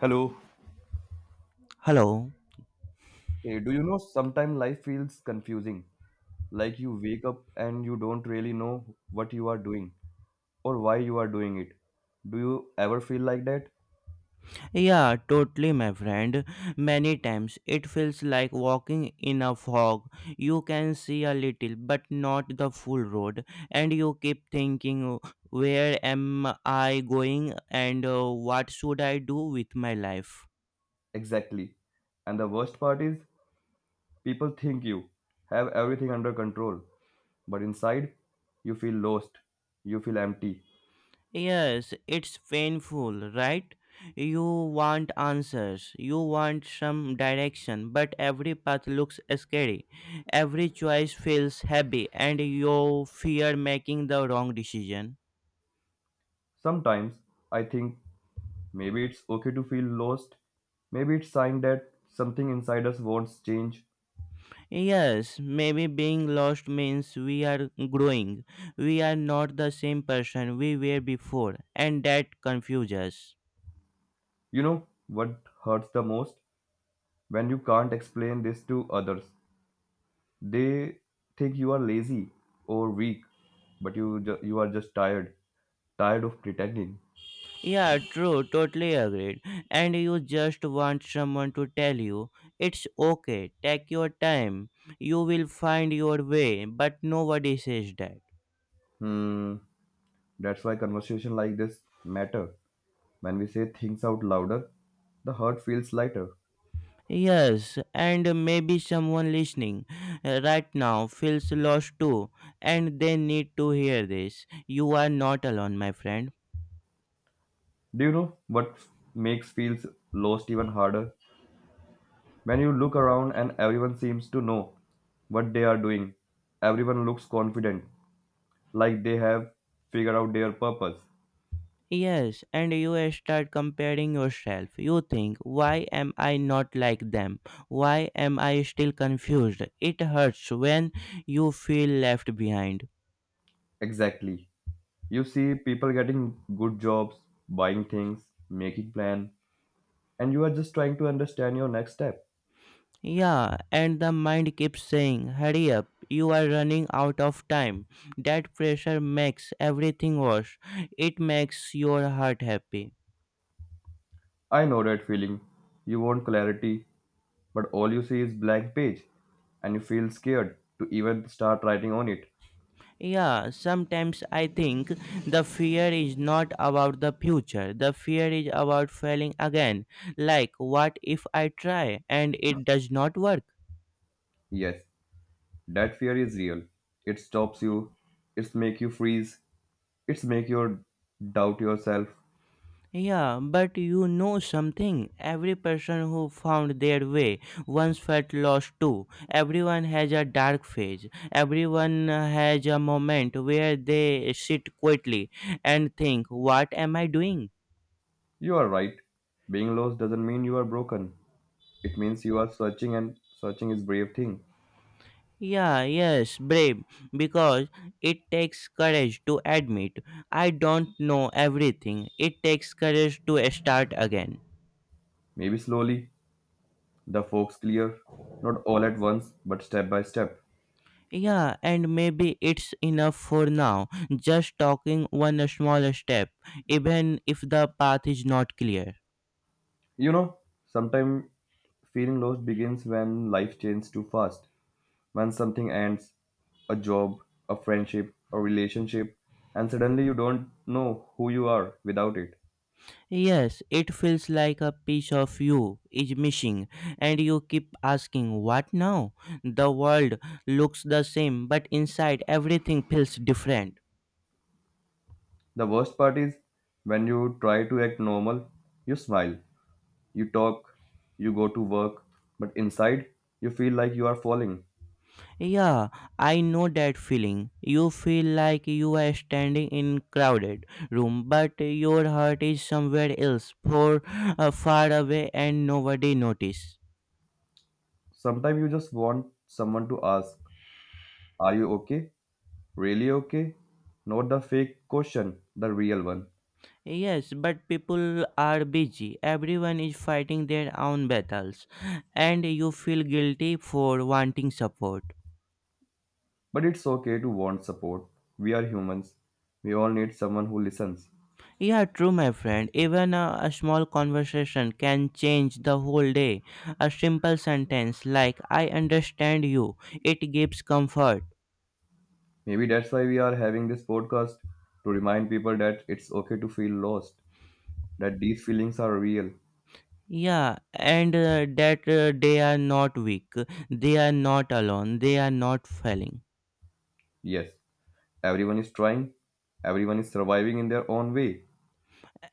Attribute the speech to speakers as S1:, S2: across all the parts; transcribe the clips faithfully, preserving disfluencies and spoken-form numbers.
S1: Hello.
S2: Hello.
S1: Hey, do you know sometimes life feels confusing? Like you wake up and you don't really know what you are doing or why you are doing it. Do you ever feel like that?
S2: Yeah, totally, my friend. Many times it feels like walking in a fog. You can see a little, but not the full road, and you keep thinking, where am I going and uh, what should I do with my life?
S1: Exactly. And the worst part is, people think you have everything under control, but inside, you feel lost. You feel empty.
S2: Yes, it's painful, right? You want answers, you want some direction, but every path looks scary. Every choice feels heavy, and you fear making the wrong decision.
S1: Sometimes I think maybe it's okay to feel lost. Maybe it's sign that something inside us wants change.
S2: Yes, maybe being lost means we are growing. We are not the same person we were before, and that confuses us.
S1: You know what hurts the most? When you can't explain this to others, they think you are lazy or weak, but you ju- you are just tired, tired of pretending.
S2: Yeah, true, totally agreed. And you just want someone to tell you, it's okay, take your time, you will find your way, but nobody says that.
S1: Hmm, that's why conversation like this matter. When we say things out louder, the hurt feels lighter.
S2: Yes, and maybe someone listening uh, right now feels lost too, and they need to hear this. You are not alone, my friend.
S1: Do you know what makes feels lost even harder? When you look around and everyone seems to know what they are doing, everyone looks confident, like they have figured out their purpose.
S2: Yes, and you start comparing yourself. You think, why am I not like them? Why am I still confused? It hurts when you feel left behind.
S1: Exactly. You see people getting good jobs, buying things, making plan, and you are just trying to understand your next step.
S2: Yeah, and the mind keeps saying, hurry up, you are running out of time. That pressure makes everything worse. It makes your heart happy.
S1: I know that feeling. You want clarity, but all you see is blank page and you feel scared to even start writing on it.
S2: Yeah, sometimes I think the fear is not about the future. The fear is about failing again. Like, what if I try and it does not work?
S1: Yes, that fear is real. It stops you. It's make you freeze. It's make you doubt yourself.
S2: Yeah, but you know something. Every person who found their way once felt lost too. Everyone has a dark phase. Everyone has a moment where they sit quietly and think, what am I doing?
S1: You are right. Being lost doesn't mean you are broken. It means you are searching and searching is brave thing.
S2: Yeah, yes, brave, because it takes courage to admit I don't know everything. It takes courage to start again.
S1: Maybe slowly, the folks clear, not all at once, but step by step.
S2: Yeah, and maybe it's enough for now, just talking one small step, even if the path is not clear.
S1: You know, sometimes feeling lost begins when life changes too fast, when something ends, a job, a friendship, a relationship, and suddenly you don't know who you are without it.
S2: Yes, it feels like a piece of you is missing, and you keep asking, what now? The world looks the same, but inside everything feels different.
S1: The worst part is when you try to act normal, you smile, you talk, you go to work, but inside you feel like you are falling.
S2: Yeah, I know that feeling. You feel like you are standing in crowded room, but your heart is somewhere else, for uh, far away, and nobody notice.
S1: Sometimes you just want someone to ask, are you okay? Really okay? Not the fake question, the real one.
S2: Yes, but people are busy. Everyone is fighting their own battles, and you feel guilty for wanting support.
S1: But it's okay to want support. We are humans. We all need someone who listens.
S2: Yeah, true, my friend. Even a, a small conversation can change the whole day. A simple sentence like, I understand you, it gives comfort.
S1: Maybe that's why we are having this podcast to remind people that it's okay to feel lost, that these feelings are real.
S2: Yeah, and uh, that uh, they are not weak, they are not alone, they are not failing.
S1: Yes, everyone is trying, everyone is surviving in their own way.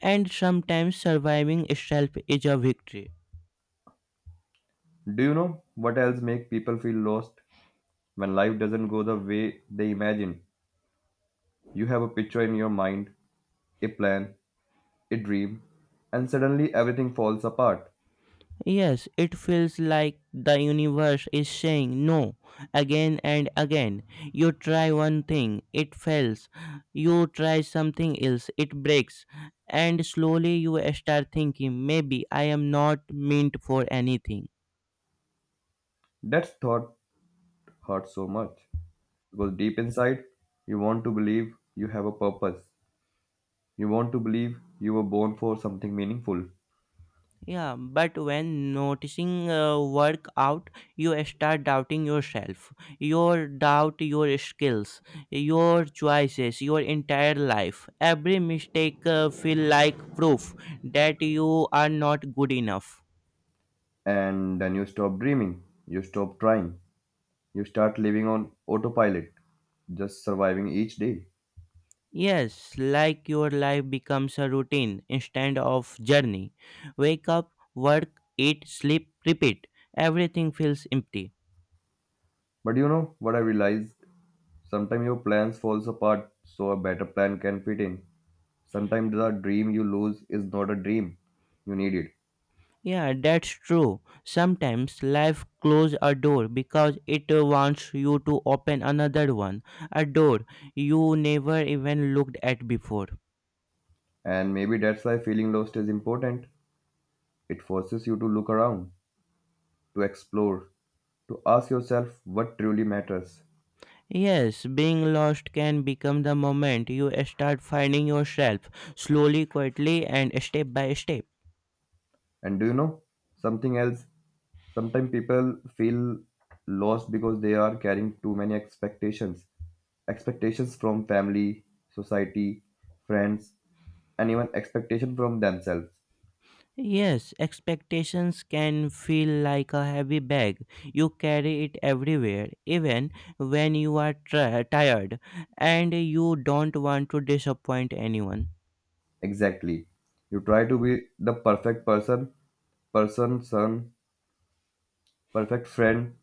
S2: And sometimes surviving itself is a victory.
S1: Do you know what else makes people feel lost when life doesn't go the way they imagine? You have a picture in your mind, a plan, a dream, and suddenly everything falls apart.
S2: Yes, it feels like the universe is saying no again and again. You try one thing, it fails. You try something else, it breaks. And slowly you start thinking, maybe I am not meant for anything.
S1: That thought hurts so much because deep inside, you want to believe you have a purpose. You want to believe you were born for something meaningful.
S2: Yeah, but when noticing uh, work out, you start doubting yourself. Your doubt your skills, your choices, your entire life. Every mistake uh, feel like proof that you are not good enough.
S1: And then you stop dreaming, you stop trying, you start living on autopilot, just surviving each day.
S2: Yes, like your life becomes a routine instead of journey. Wake up, work, eat, sleep, repeat. Everything feels empty.
S1: But you know what I realized? Sometimes your plans falls apart so a better plan can fit in. Sometimes the dream you lose is not a dream. You need it.
S2: Yeah, that's true. Sometimes life closes a door because it uh, wants you to open another one, a door you never even looked at before.
S1: And maybe that's why feeling lost is important. It forces you to look around, to explore, to ask yourself what truly matters.
S2: Yes, being lost can become the moment you start finding yourself slowly, quietly, and step by step.
S1: And do you know something else? Sometimes people feel lost because they are carrying too many expectations. Expectations from family, society, friends, and even expectation from themselves.
S2: Yes, expectations can feel like a heavy bag. You carry it everywhere, even when you are tri- tired and you don't want to disappoint anyone.
S1: Exactly. You try to be the perfect person, person, son, perfect friend,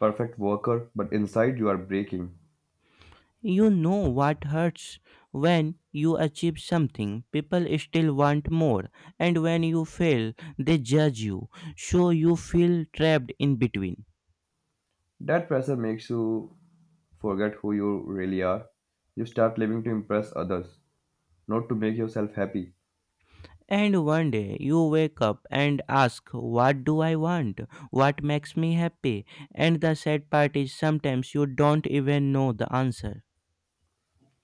S1: perfect worker, but inside you are breaking.
S2: You know what hurts? When you achieve something, people still want more, and when you fail, they judge you, so you feel trapped in between.
S1: That pressure makes you forget who you really are. You start living to impress others, not to make yourself happy.
S2: And one day you wake up and ask, what do I want? What makes me happy? And the sad part is sometimes you don't even know the answer.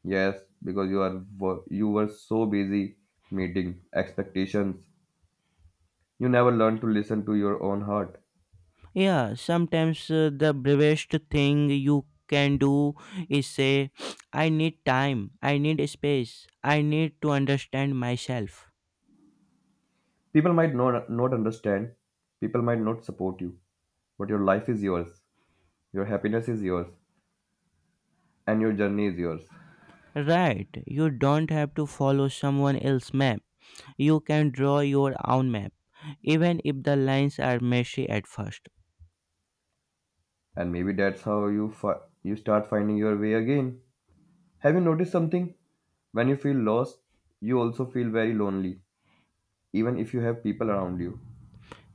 S1: Yes, because you are wo- you were so busy meeting expectations. You never learned to listen to your own heart.
S2: Yeah, sometimes uh, the bravest thing you can do is say, I need time, I need space, I need to understand myself.
S1: People might not, not understand, people might not support you, but your life is yours, your happiness is yours, and your journey is yours.
S2: Right, you don't have to follow someone else's map. You can draw your own map, even if the lines are messy at first.
S1: And maybe that's how you fi- you start finding your way again. Have you noticed something? When you feel lost, you also feel very lonely, even if you have people around you.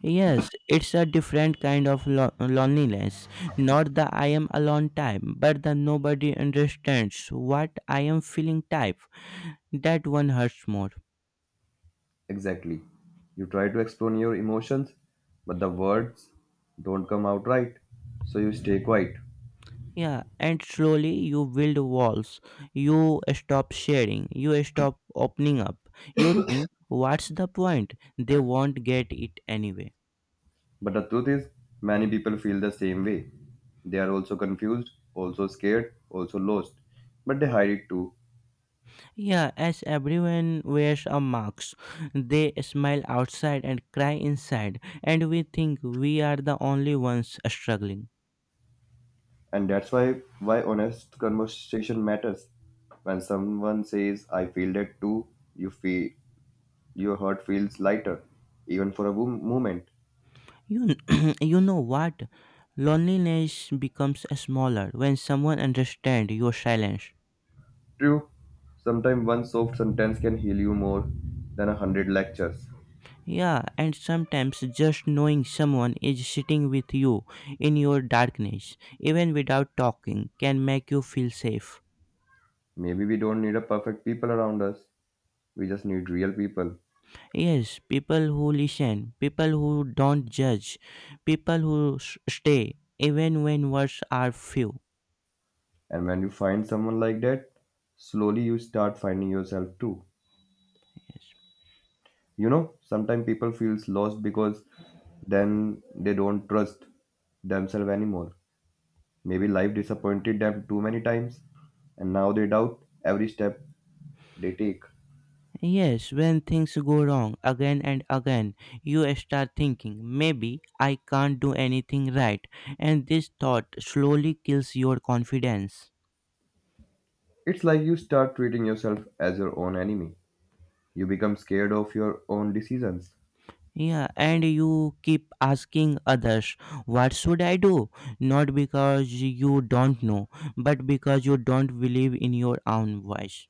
S2: Yes, it's a different kind of lo- loneliness. Not the I am alone type, but the nobody understands what I am feeling type. That one hurts more.
S1: Exactly. You try to explain your emotions, but the words don't come out right, so you stay quiet.
S2: Yeah, and slowly you build walls. You stop sharing. You stop opening up. You think, what's the point? They won't get it anyway.
S1: But the truth is, many people feel the same way. They are also confused, also scared, also lost, but they hide it too.
S2: Yeah, as everyone wears a mask, they smile outside and cry inside, and we think we are the only ones struggling.
S1: And that's why why honest conversation matters. When someone says I feel that too, you feel Your heart feels lighter, even for a wo- moment.
S2: You, you know what? Loneliness becomes smaller when someone understands your silence.
S1: True, sometimes one soft sentence can heal you more than a hundred lectures.
S2: Yeah, and sometimes just knowing someone is sitting with you in your darkness, even without talking, can make you feel safe.
S1: Maybe we don't need a perfect people around us, we just need real people.
S2: Yes, people who listen, people who don't judge, people who s- stay, even when words are few.
S1: And when you find someone like that, slowly you start finding yourself too.
S2: Yes.
S1: You know, sometimes people feels lost because then they don't trust themselves anymore. Maybe life disappointed them too many times, and now they doubt every step they take.
S2: Yes, when things go wrong again and again, you start thinking, maybe I can't do anything right, and this thought slowly kills your confidence.
S1: It's like you start treating yourself as your own enemy. You become scared of your own decisions.
S2: Yeah, and you keep asking others, what should I do? Not because you don't know, but because you don't believe in your own voice.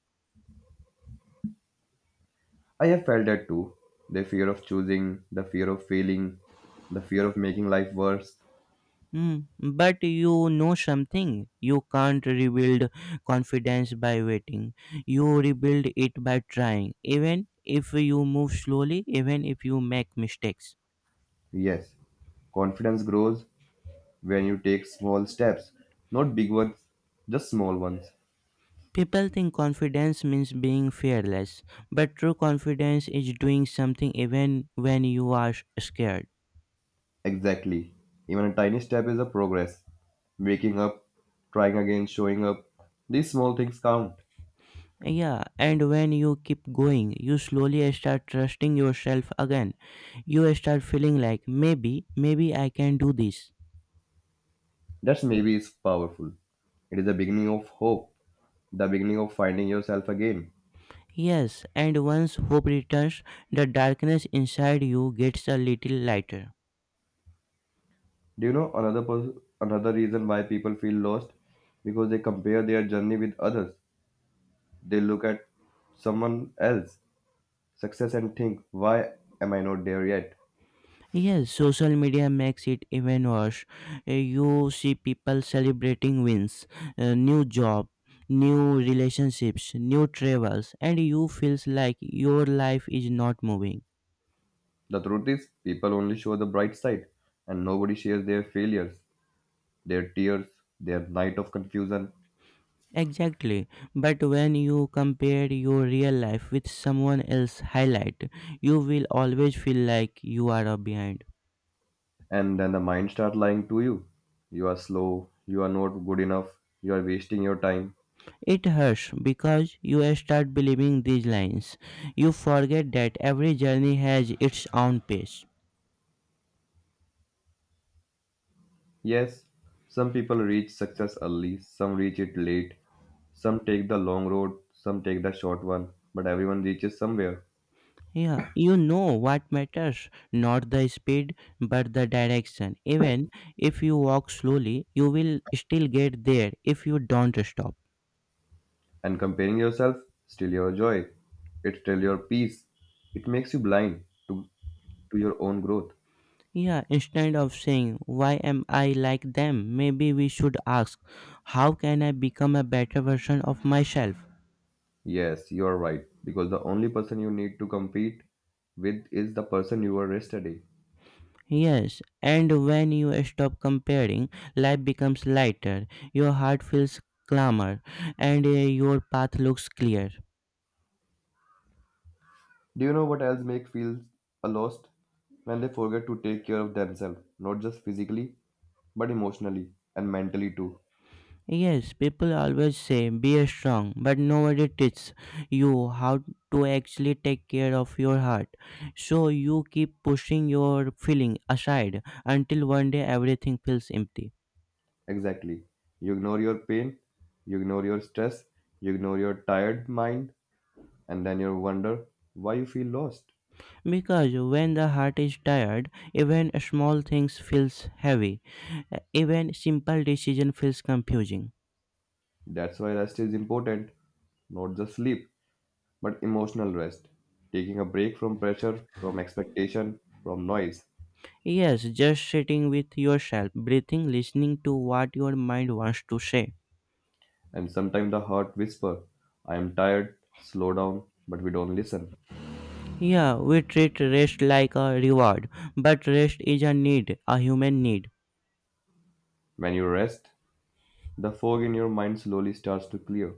S1: I have felt that too. The fear of choosing, the fear of failing, the fear of making life worse.
S2: Hmm. But you know something. You can't rebuild confidence by waiting. You rebuild it by trying, even if you move slowly, even if you make mistakes.
S1: Yes, confidence grows when you take small steps, not big ones, just small ones.
S2: People think confidence means being fearless, but true confidence is doing something even when you are scared.
S1: Exactly. Even a tiny step is a progress. Waking up, trying again, showing up. These small things count.
S2: Yeah, and when you keep going, you slowly start trusting yourself again. You start feeling like maybe, maybe I can do this.
S1: That's maybe is powerful. It is the beginning of hope, the beginning of finding yourself again.
S2: Yes, and once hope returns, the darkness inside you gets a little lighter.
S1: Do you know another pers- another reason why people feel lost? Because they compare their journey with others. They look at someone else success and think, why am I not there yet?
S2: Yes, social media makes it even worse. Uh, You see people celebrating wins, uh, new job, new relationships, new travels, and you feels like your life is not moving.
S1: The truth is, people only show the bright side, and nobody shares their failures, their tears, their night of confusion,
S2: Exactly. But when you compare your real life with someone else's highlight, you will always feel like you are a behind.
S1: and then the mind starts lying to you. You are slow. You are not good enough. You are wasting your time.
S2: It hurts because you start believing these lines. You forget that every journey has its own pace.
S1: Yes, some people reach success early, some reach it late, some take the long road, some take the short one, but everyone reaches somewhere.
S2: Yeah, you know what matters, not the speed but the direction. Even if you walk slowly, you will still get there if you don't stop.
S1: And comparing yourself steal your joy, it steal your peace, it makes you blind to, to your own growth.
S2: Yeah, instead of saying, why am I like them? Maybe we should ask, how can I become a better version of myself?
S1: Yes, you are right, because the only person you need to compete with is the person you were yesterday.
S2: Yes, and when you stop comparing, life becomes lighter, your heart feels calmer, and uh, your path looks clear.
S1: Do you know what else makes feel a lost? When they forget to take care of themselves, not just physically, but emotionally and mentally too.
S2: Yes, people always say be strong, but nobody teaches you how to actually take care of your heart. So you keep pushing your feeling aside until one day everything feels empty.
S1: Exactly. You ignore your pain, you ignore your stress, you ignore your tired mind, and then you wonder why you feel lost.
S2: Because when the heart is tired, even small things feels heavy. Even simple decision feels confusing.
S1: That's why rest is important, not just sleep, but emotional rest. Taking a break from pressure, from expectation, from noise,
S2: Yes, just sitting with yourself, breathing, listening to what your mind wants to say.
S1: and sometimes the heart whisper, I am tired, slow down, but we don't listen.
S2: Yeah, we treat rest like a reward, but rest is a need, a human need.
S1: When you rest, the fog in your mind slowly starts to clear.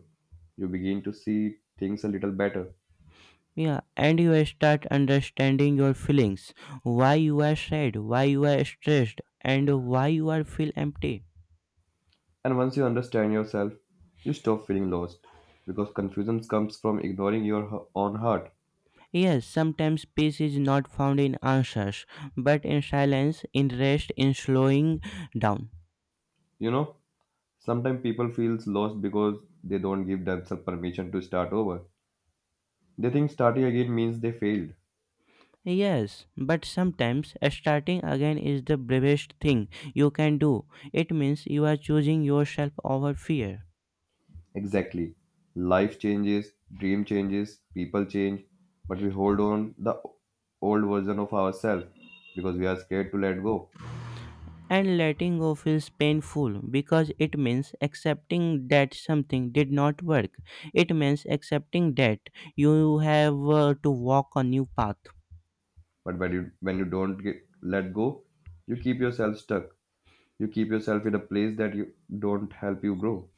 S1: You begin to see things a little better.
S2: Yeah, and you start understanding your feelings, why you are sad, why you are stressed, and why you are feel empty.
S1: And once you understand yourself, you stop feeling lost because confusion comes from ignoring your h- own heart.
S2: Yes, sometimes peace is not found in answers, but in silence, in rest, in slowing down.
S1: You know, sometimes people feels lost because they don't give themselves permission to start over. They think starting again means they failed.
S2: Yes, but sometimes starting again is the bravest thing you can do. It means you are choosing yourself over fear.
S1: Exactly. Life changes, dream changes, people change, but we hold on the old version of ourselves because we are scared to let go.
S2: And letting go feels painful because it means accepting that something did not work. It means accepting that you have uh, to walk a new path.
S1: But when you when you don't get, let go, you keep yourself stuck. You keep yourself in a place that you don't help you grow.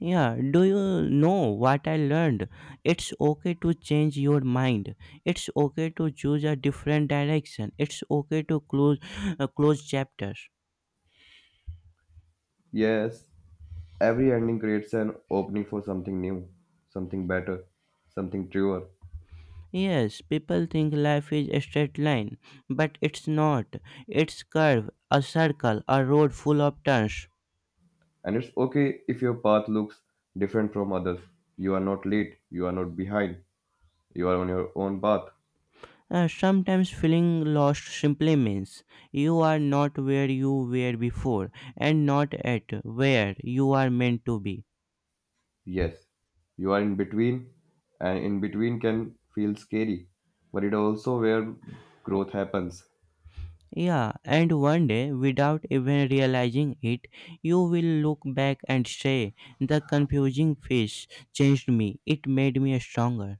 S2: Yeah, do you know what I learned? It's okay to change your mind. It's okay to choose a different direction. It's okay to close uh, close chapters.
S1: Yes, every ending creates an opening for something new, something better, something truer.
S2: Yes, people think life is a straight line, but it's not. It's curve, a circle, a road full of turns.
S1: And it's okay if your path looks different from others. You are not late, you are not behind, you are on your own path.
S2: Uh, sometimes feeling lost simply means you are not where you were before and not at where you are meant to be.
S1: Yes, you are in between, and in between can feel scary, but it also where growth happens.
S2: Yeah, and one day, without even realizing it, you will look back and say, the confusing phase changed me, it made me stronger.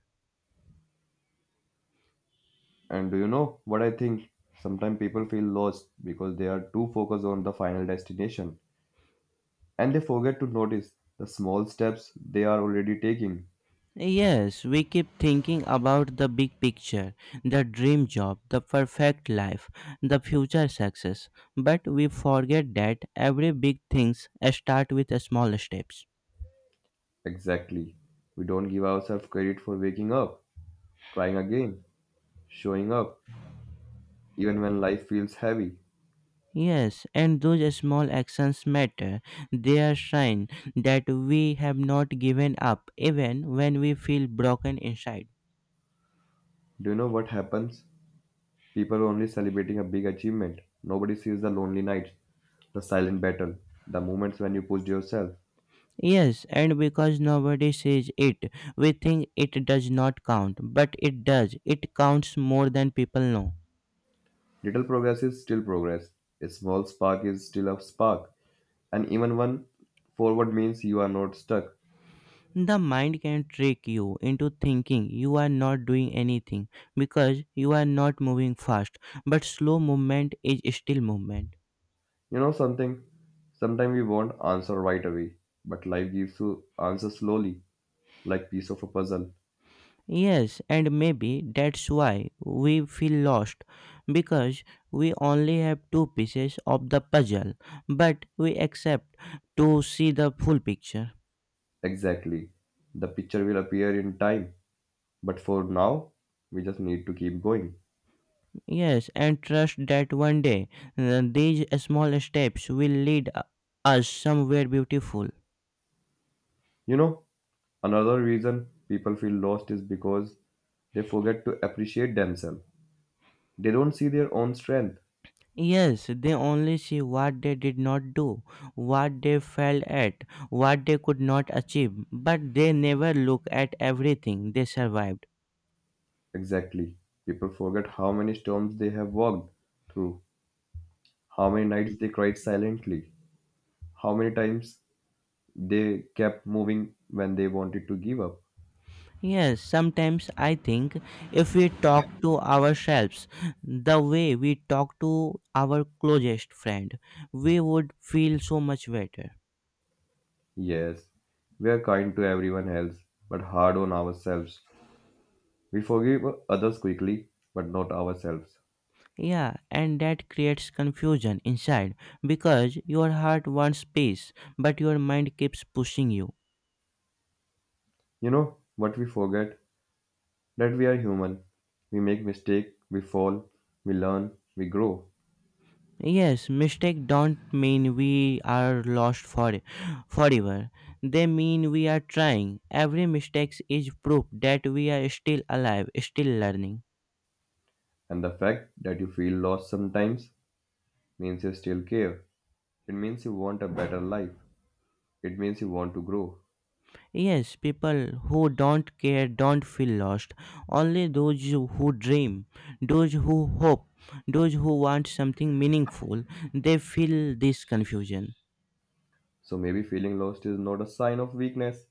S1: And do you know what I think? Sometimes people feel lost because they are too focused on the final destination, and they forget to notice the small steps they are already taking.
S2: Yes, we keep thinking about the big picture, the dream job, the perfect life, the future success, but we forget that every big things start with small steps.
S1: Exactly. We don't give ourselves credit for waking up, trying again, showing up, even when life feels heavy.
S2: Yes, and those small actions matter. They are sign that we have not given up even when we feel broken inside.
S1: Do you know what happens? People are only celebrating a big achievement. Nobody sees the lonely nights, the silent battle, the moments when you pushed yourself.
S2: Yes, and because nobody says it, we think it does not count, but it does. It counts more than people know.
S1: Little progress is still progress. A small spark is still a spark. And even one forward means you are not stuck.
S2: The mind can trick you into thinking you are not doing anything because you are not moving fast, but slow movement is still movement.
S1: You know something? Sometimes we want answer right away, but life gives you answer slowly, like piece of a puzzle.
S2: Yes, and maybe that's why we feel lost because we only have two pieces of the puzzle, but we accept to see the full picture.
S1: Exactly. The picture will appear in time, but for now, we just need to keep going.
S2: Yes, and trust that one day uh, these small steps will lead uh, us somewhere beautiful.
S1: You know, another reason people feel lost is because they forget to appreciate themselves. They don't see their own strength.
S2: Yes, they only see what they did not do, what they failed at, what they could not achieve, but they never look at everything they survived.
S1: Exactly. People forget how many storms they have walked through, how many nights they cried silently, how many times they kept moving when they wanted to give up.
S2: Yes, sometimes I think if we talk to ourselves the way we talk to our closest friend, we would feel so much better.
S1: Yes, we are kind to everyone else, but hard on ourselves. We forgive others quickly, but not ourselves.
S2: Yeah, and that creates confusion inside because your heart wants peace, but your mind keeps pushing you.
S1: You know what we forget? That we are human. We make mistakes, we fall, we learn, we grow.
S2: Yes, mistake don't mean we are lost for forever. They mean we are trying. Every mistake is proof that we are still alive, still learning.
S1: And the fact that you feel lost sometimes means you still care. It means you want a better life. It means you want to grow.
S2: Yes, people who don't care don't feel lost. Only those who dream, those who hope, those who want something meaningful, they feel this confusion.
S1: So maybe feeling lost is not a sign of weakness.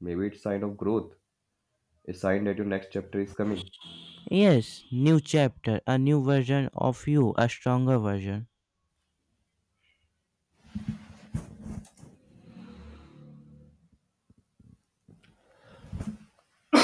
S1: Maybe it's a sign of growth, a sign that your next chapter is coming.
S2: Yes, new chapter, a new version of you, a stronger version.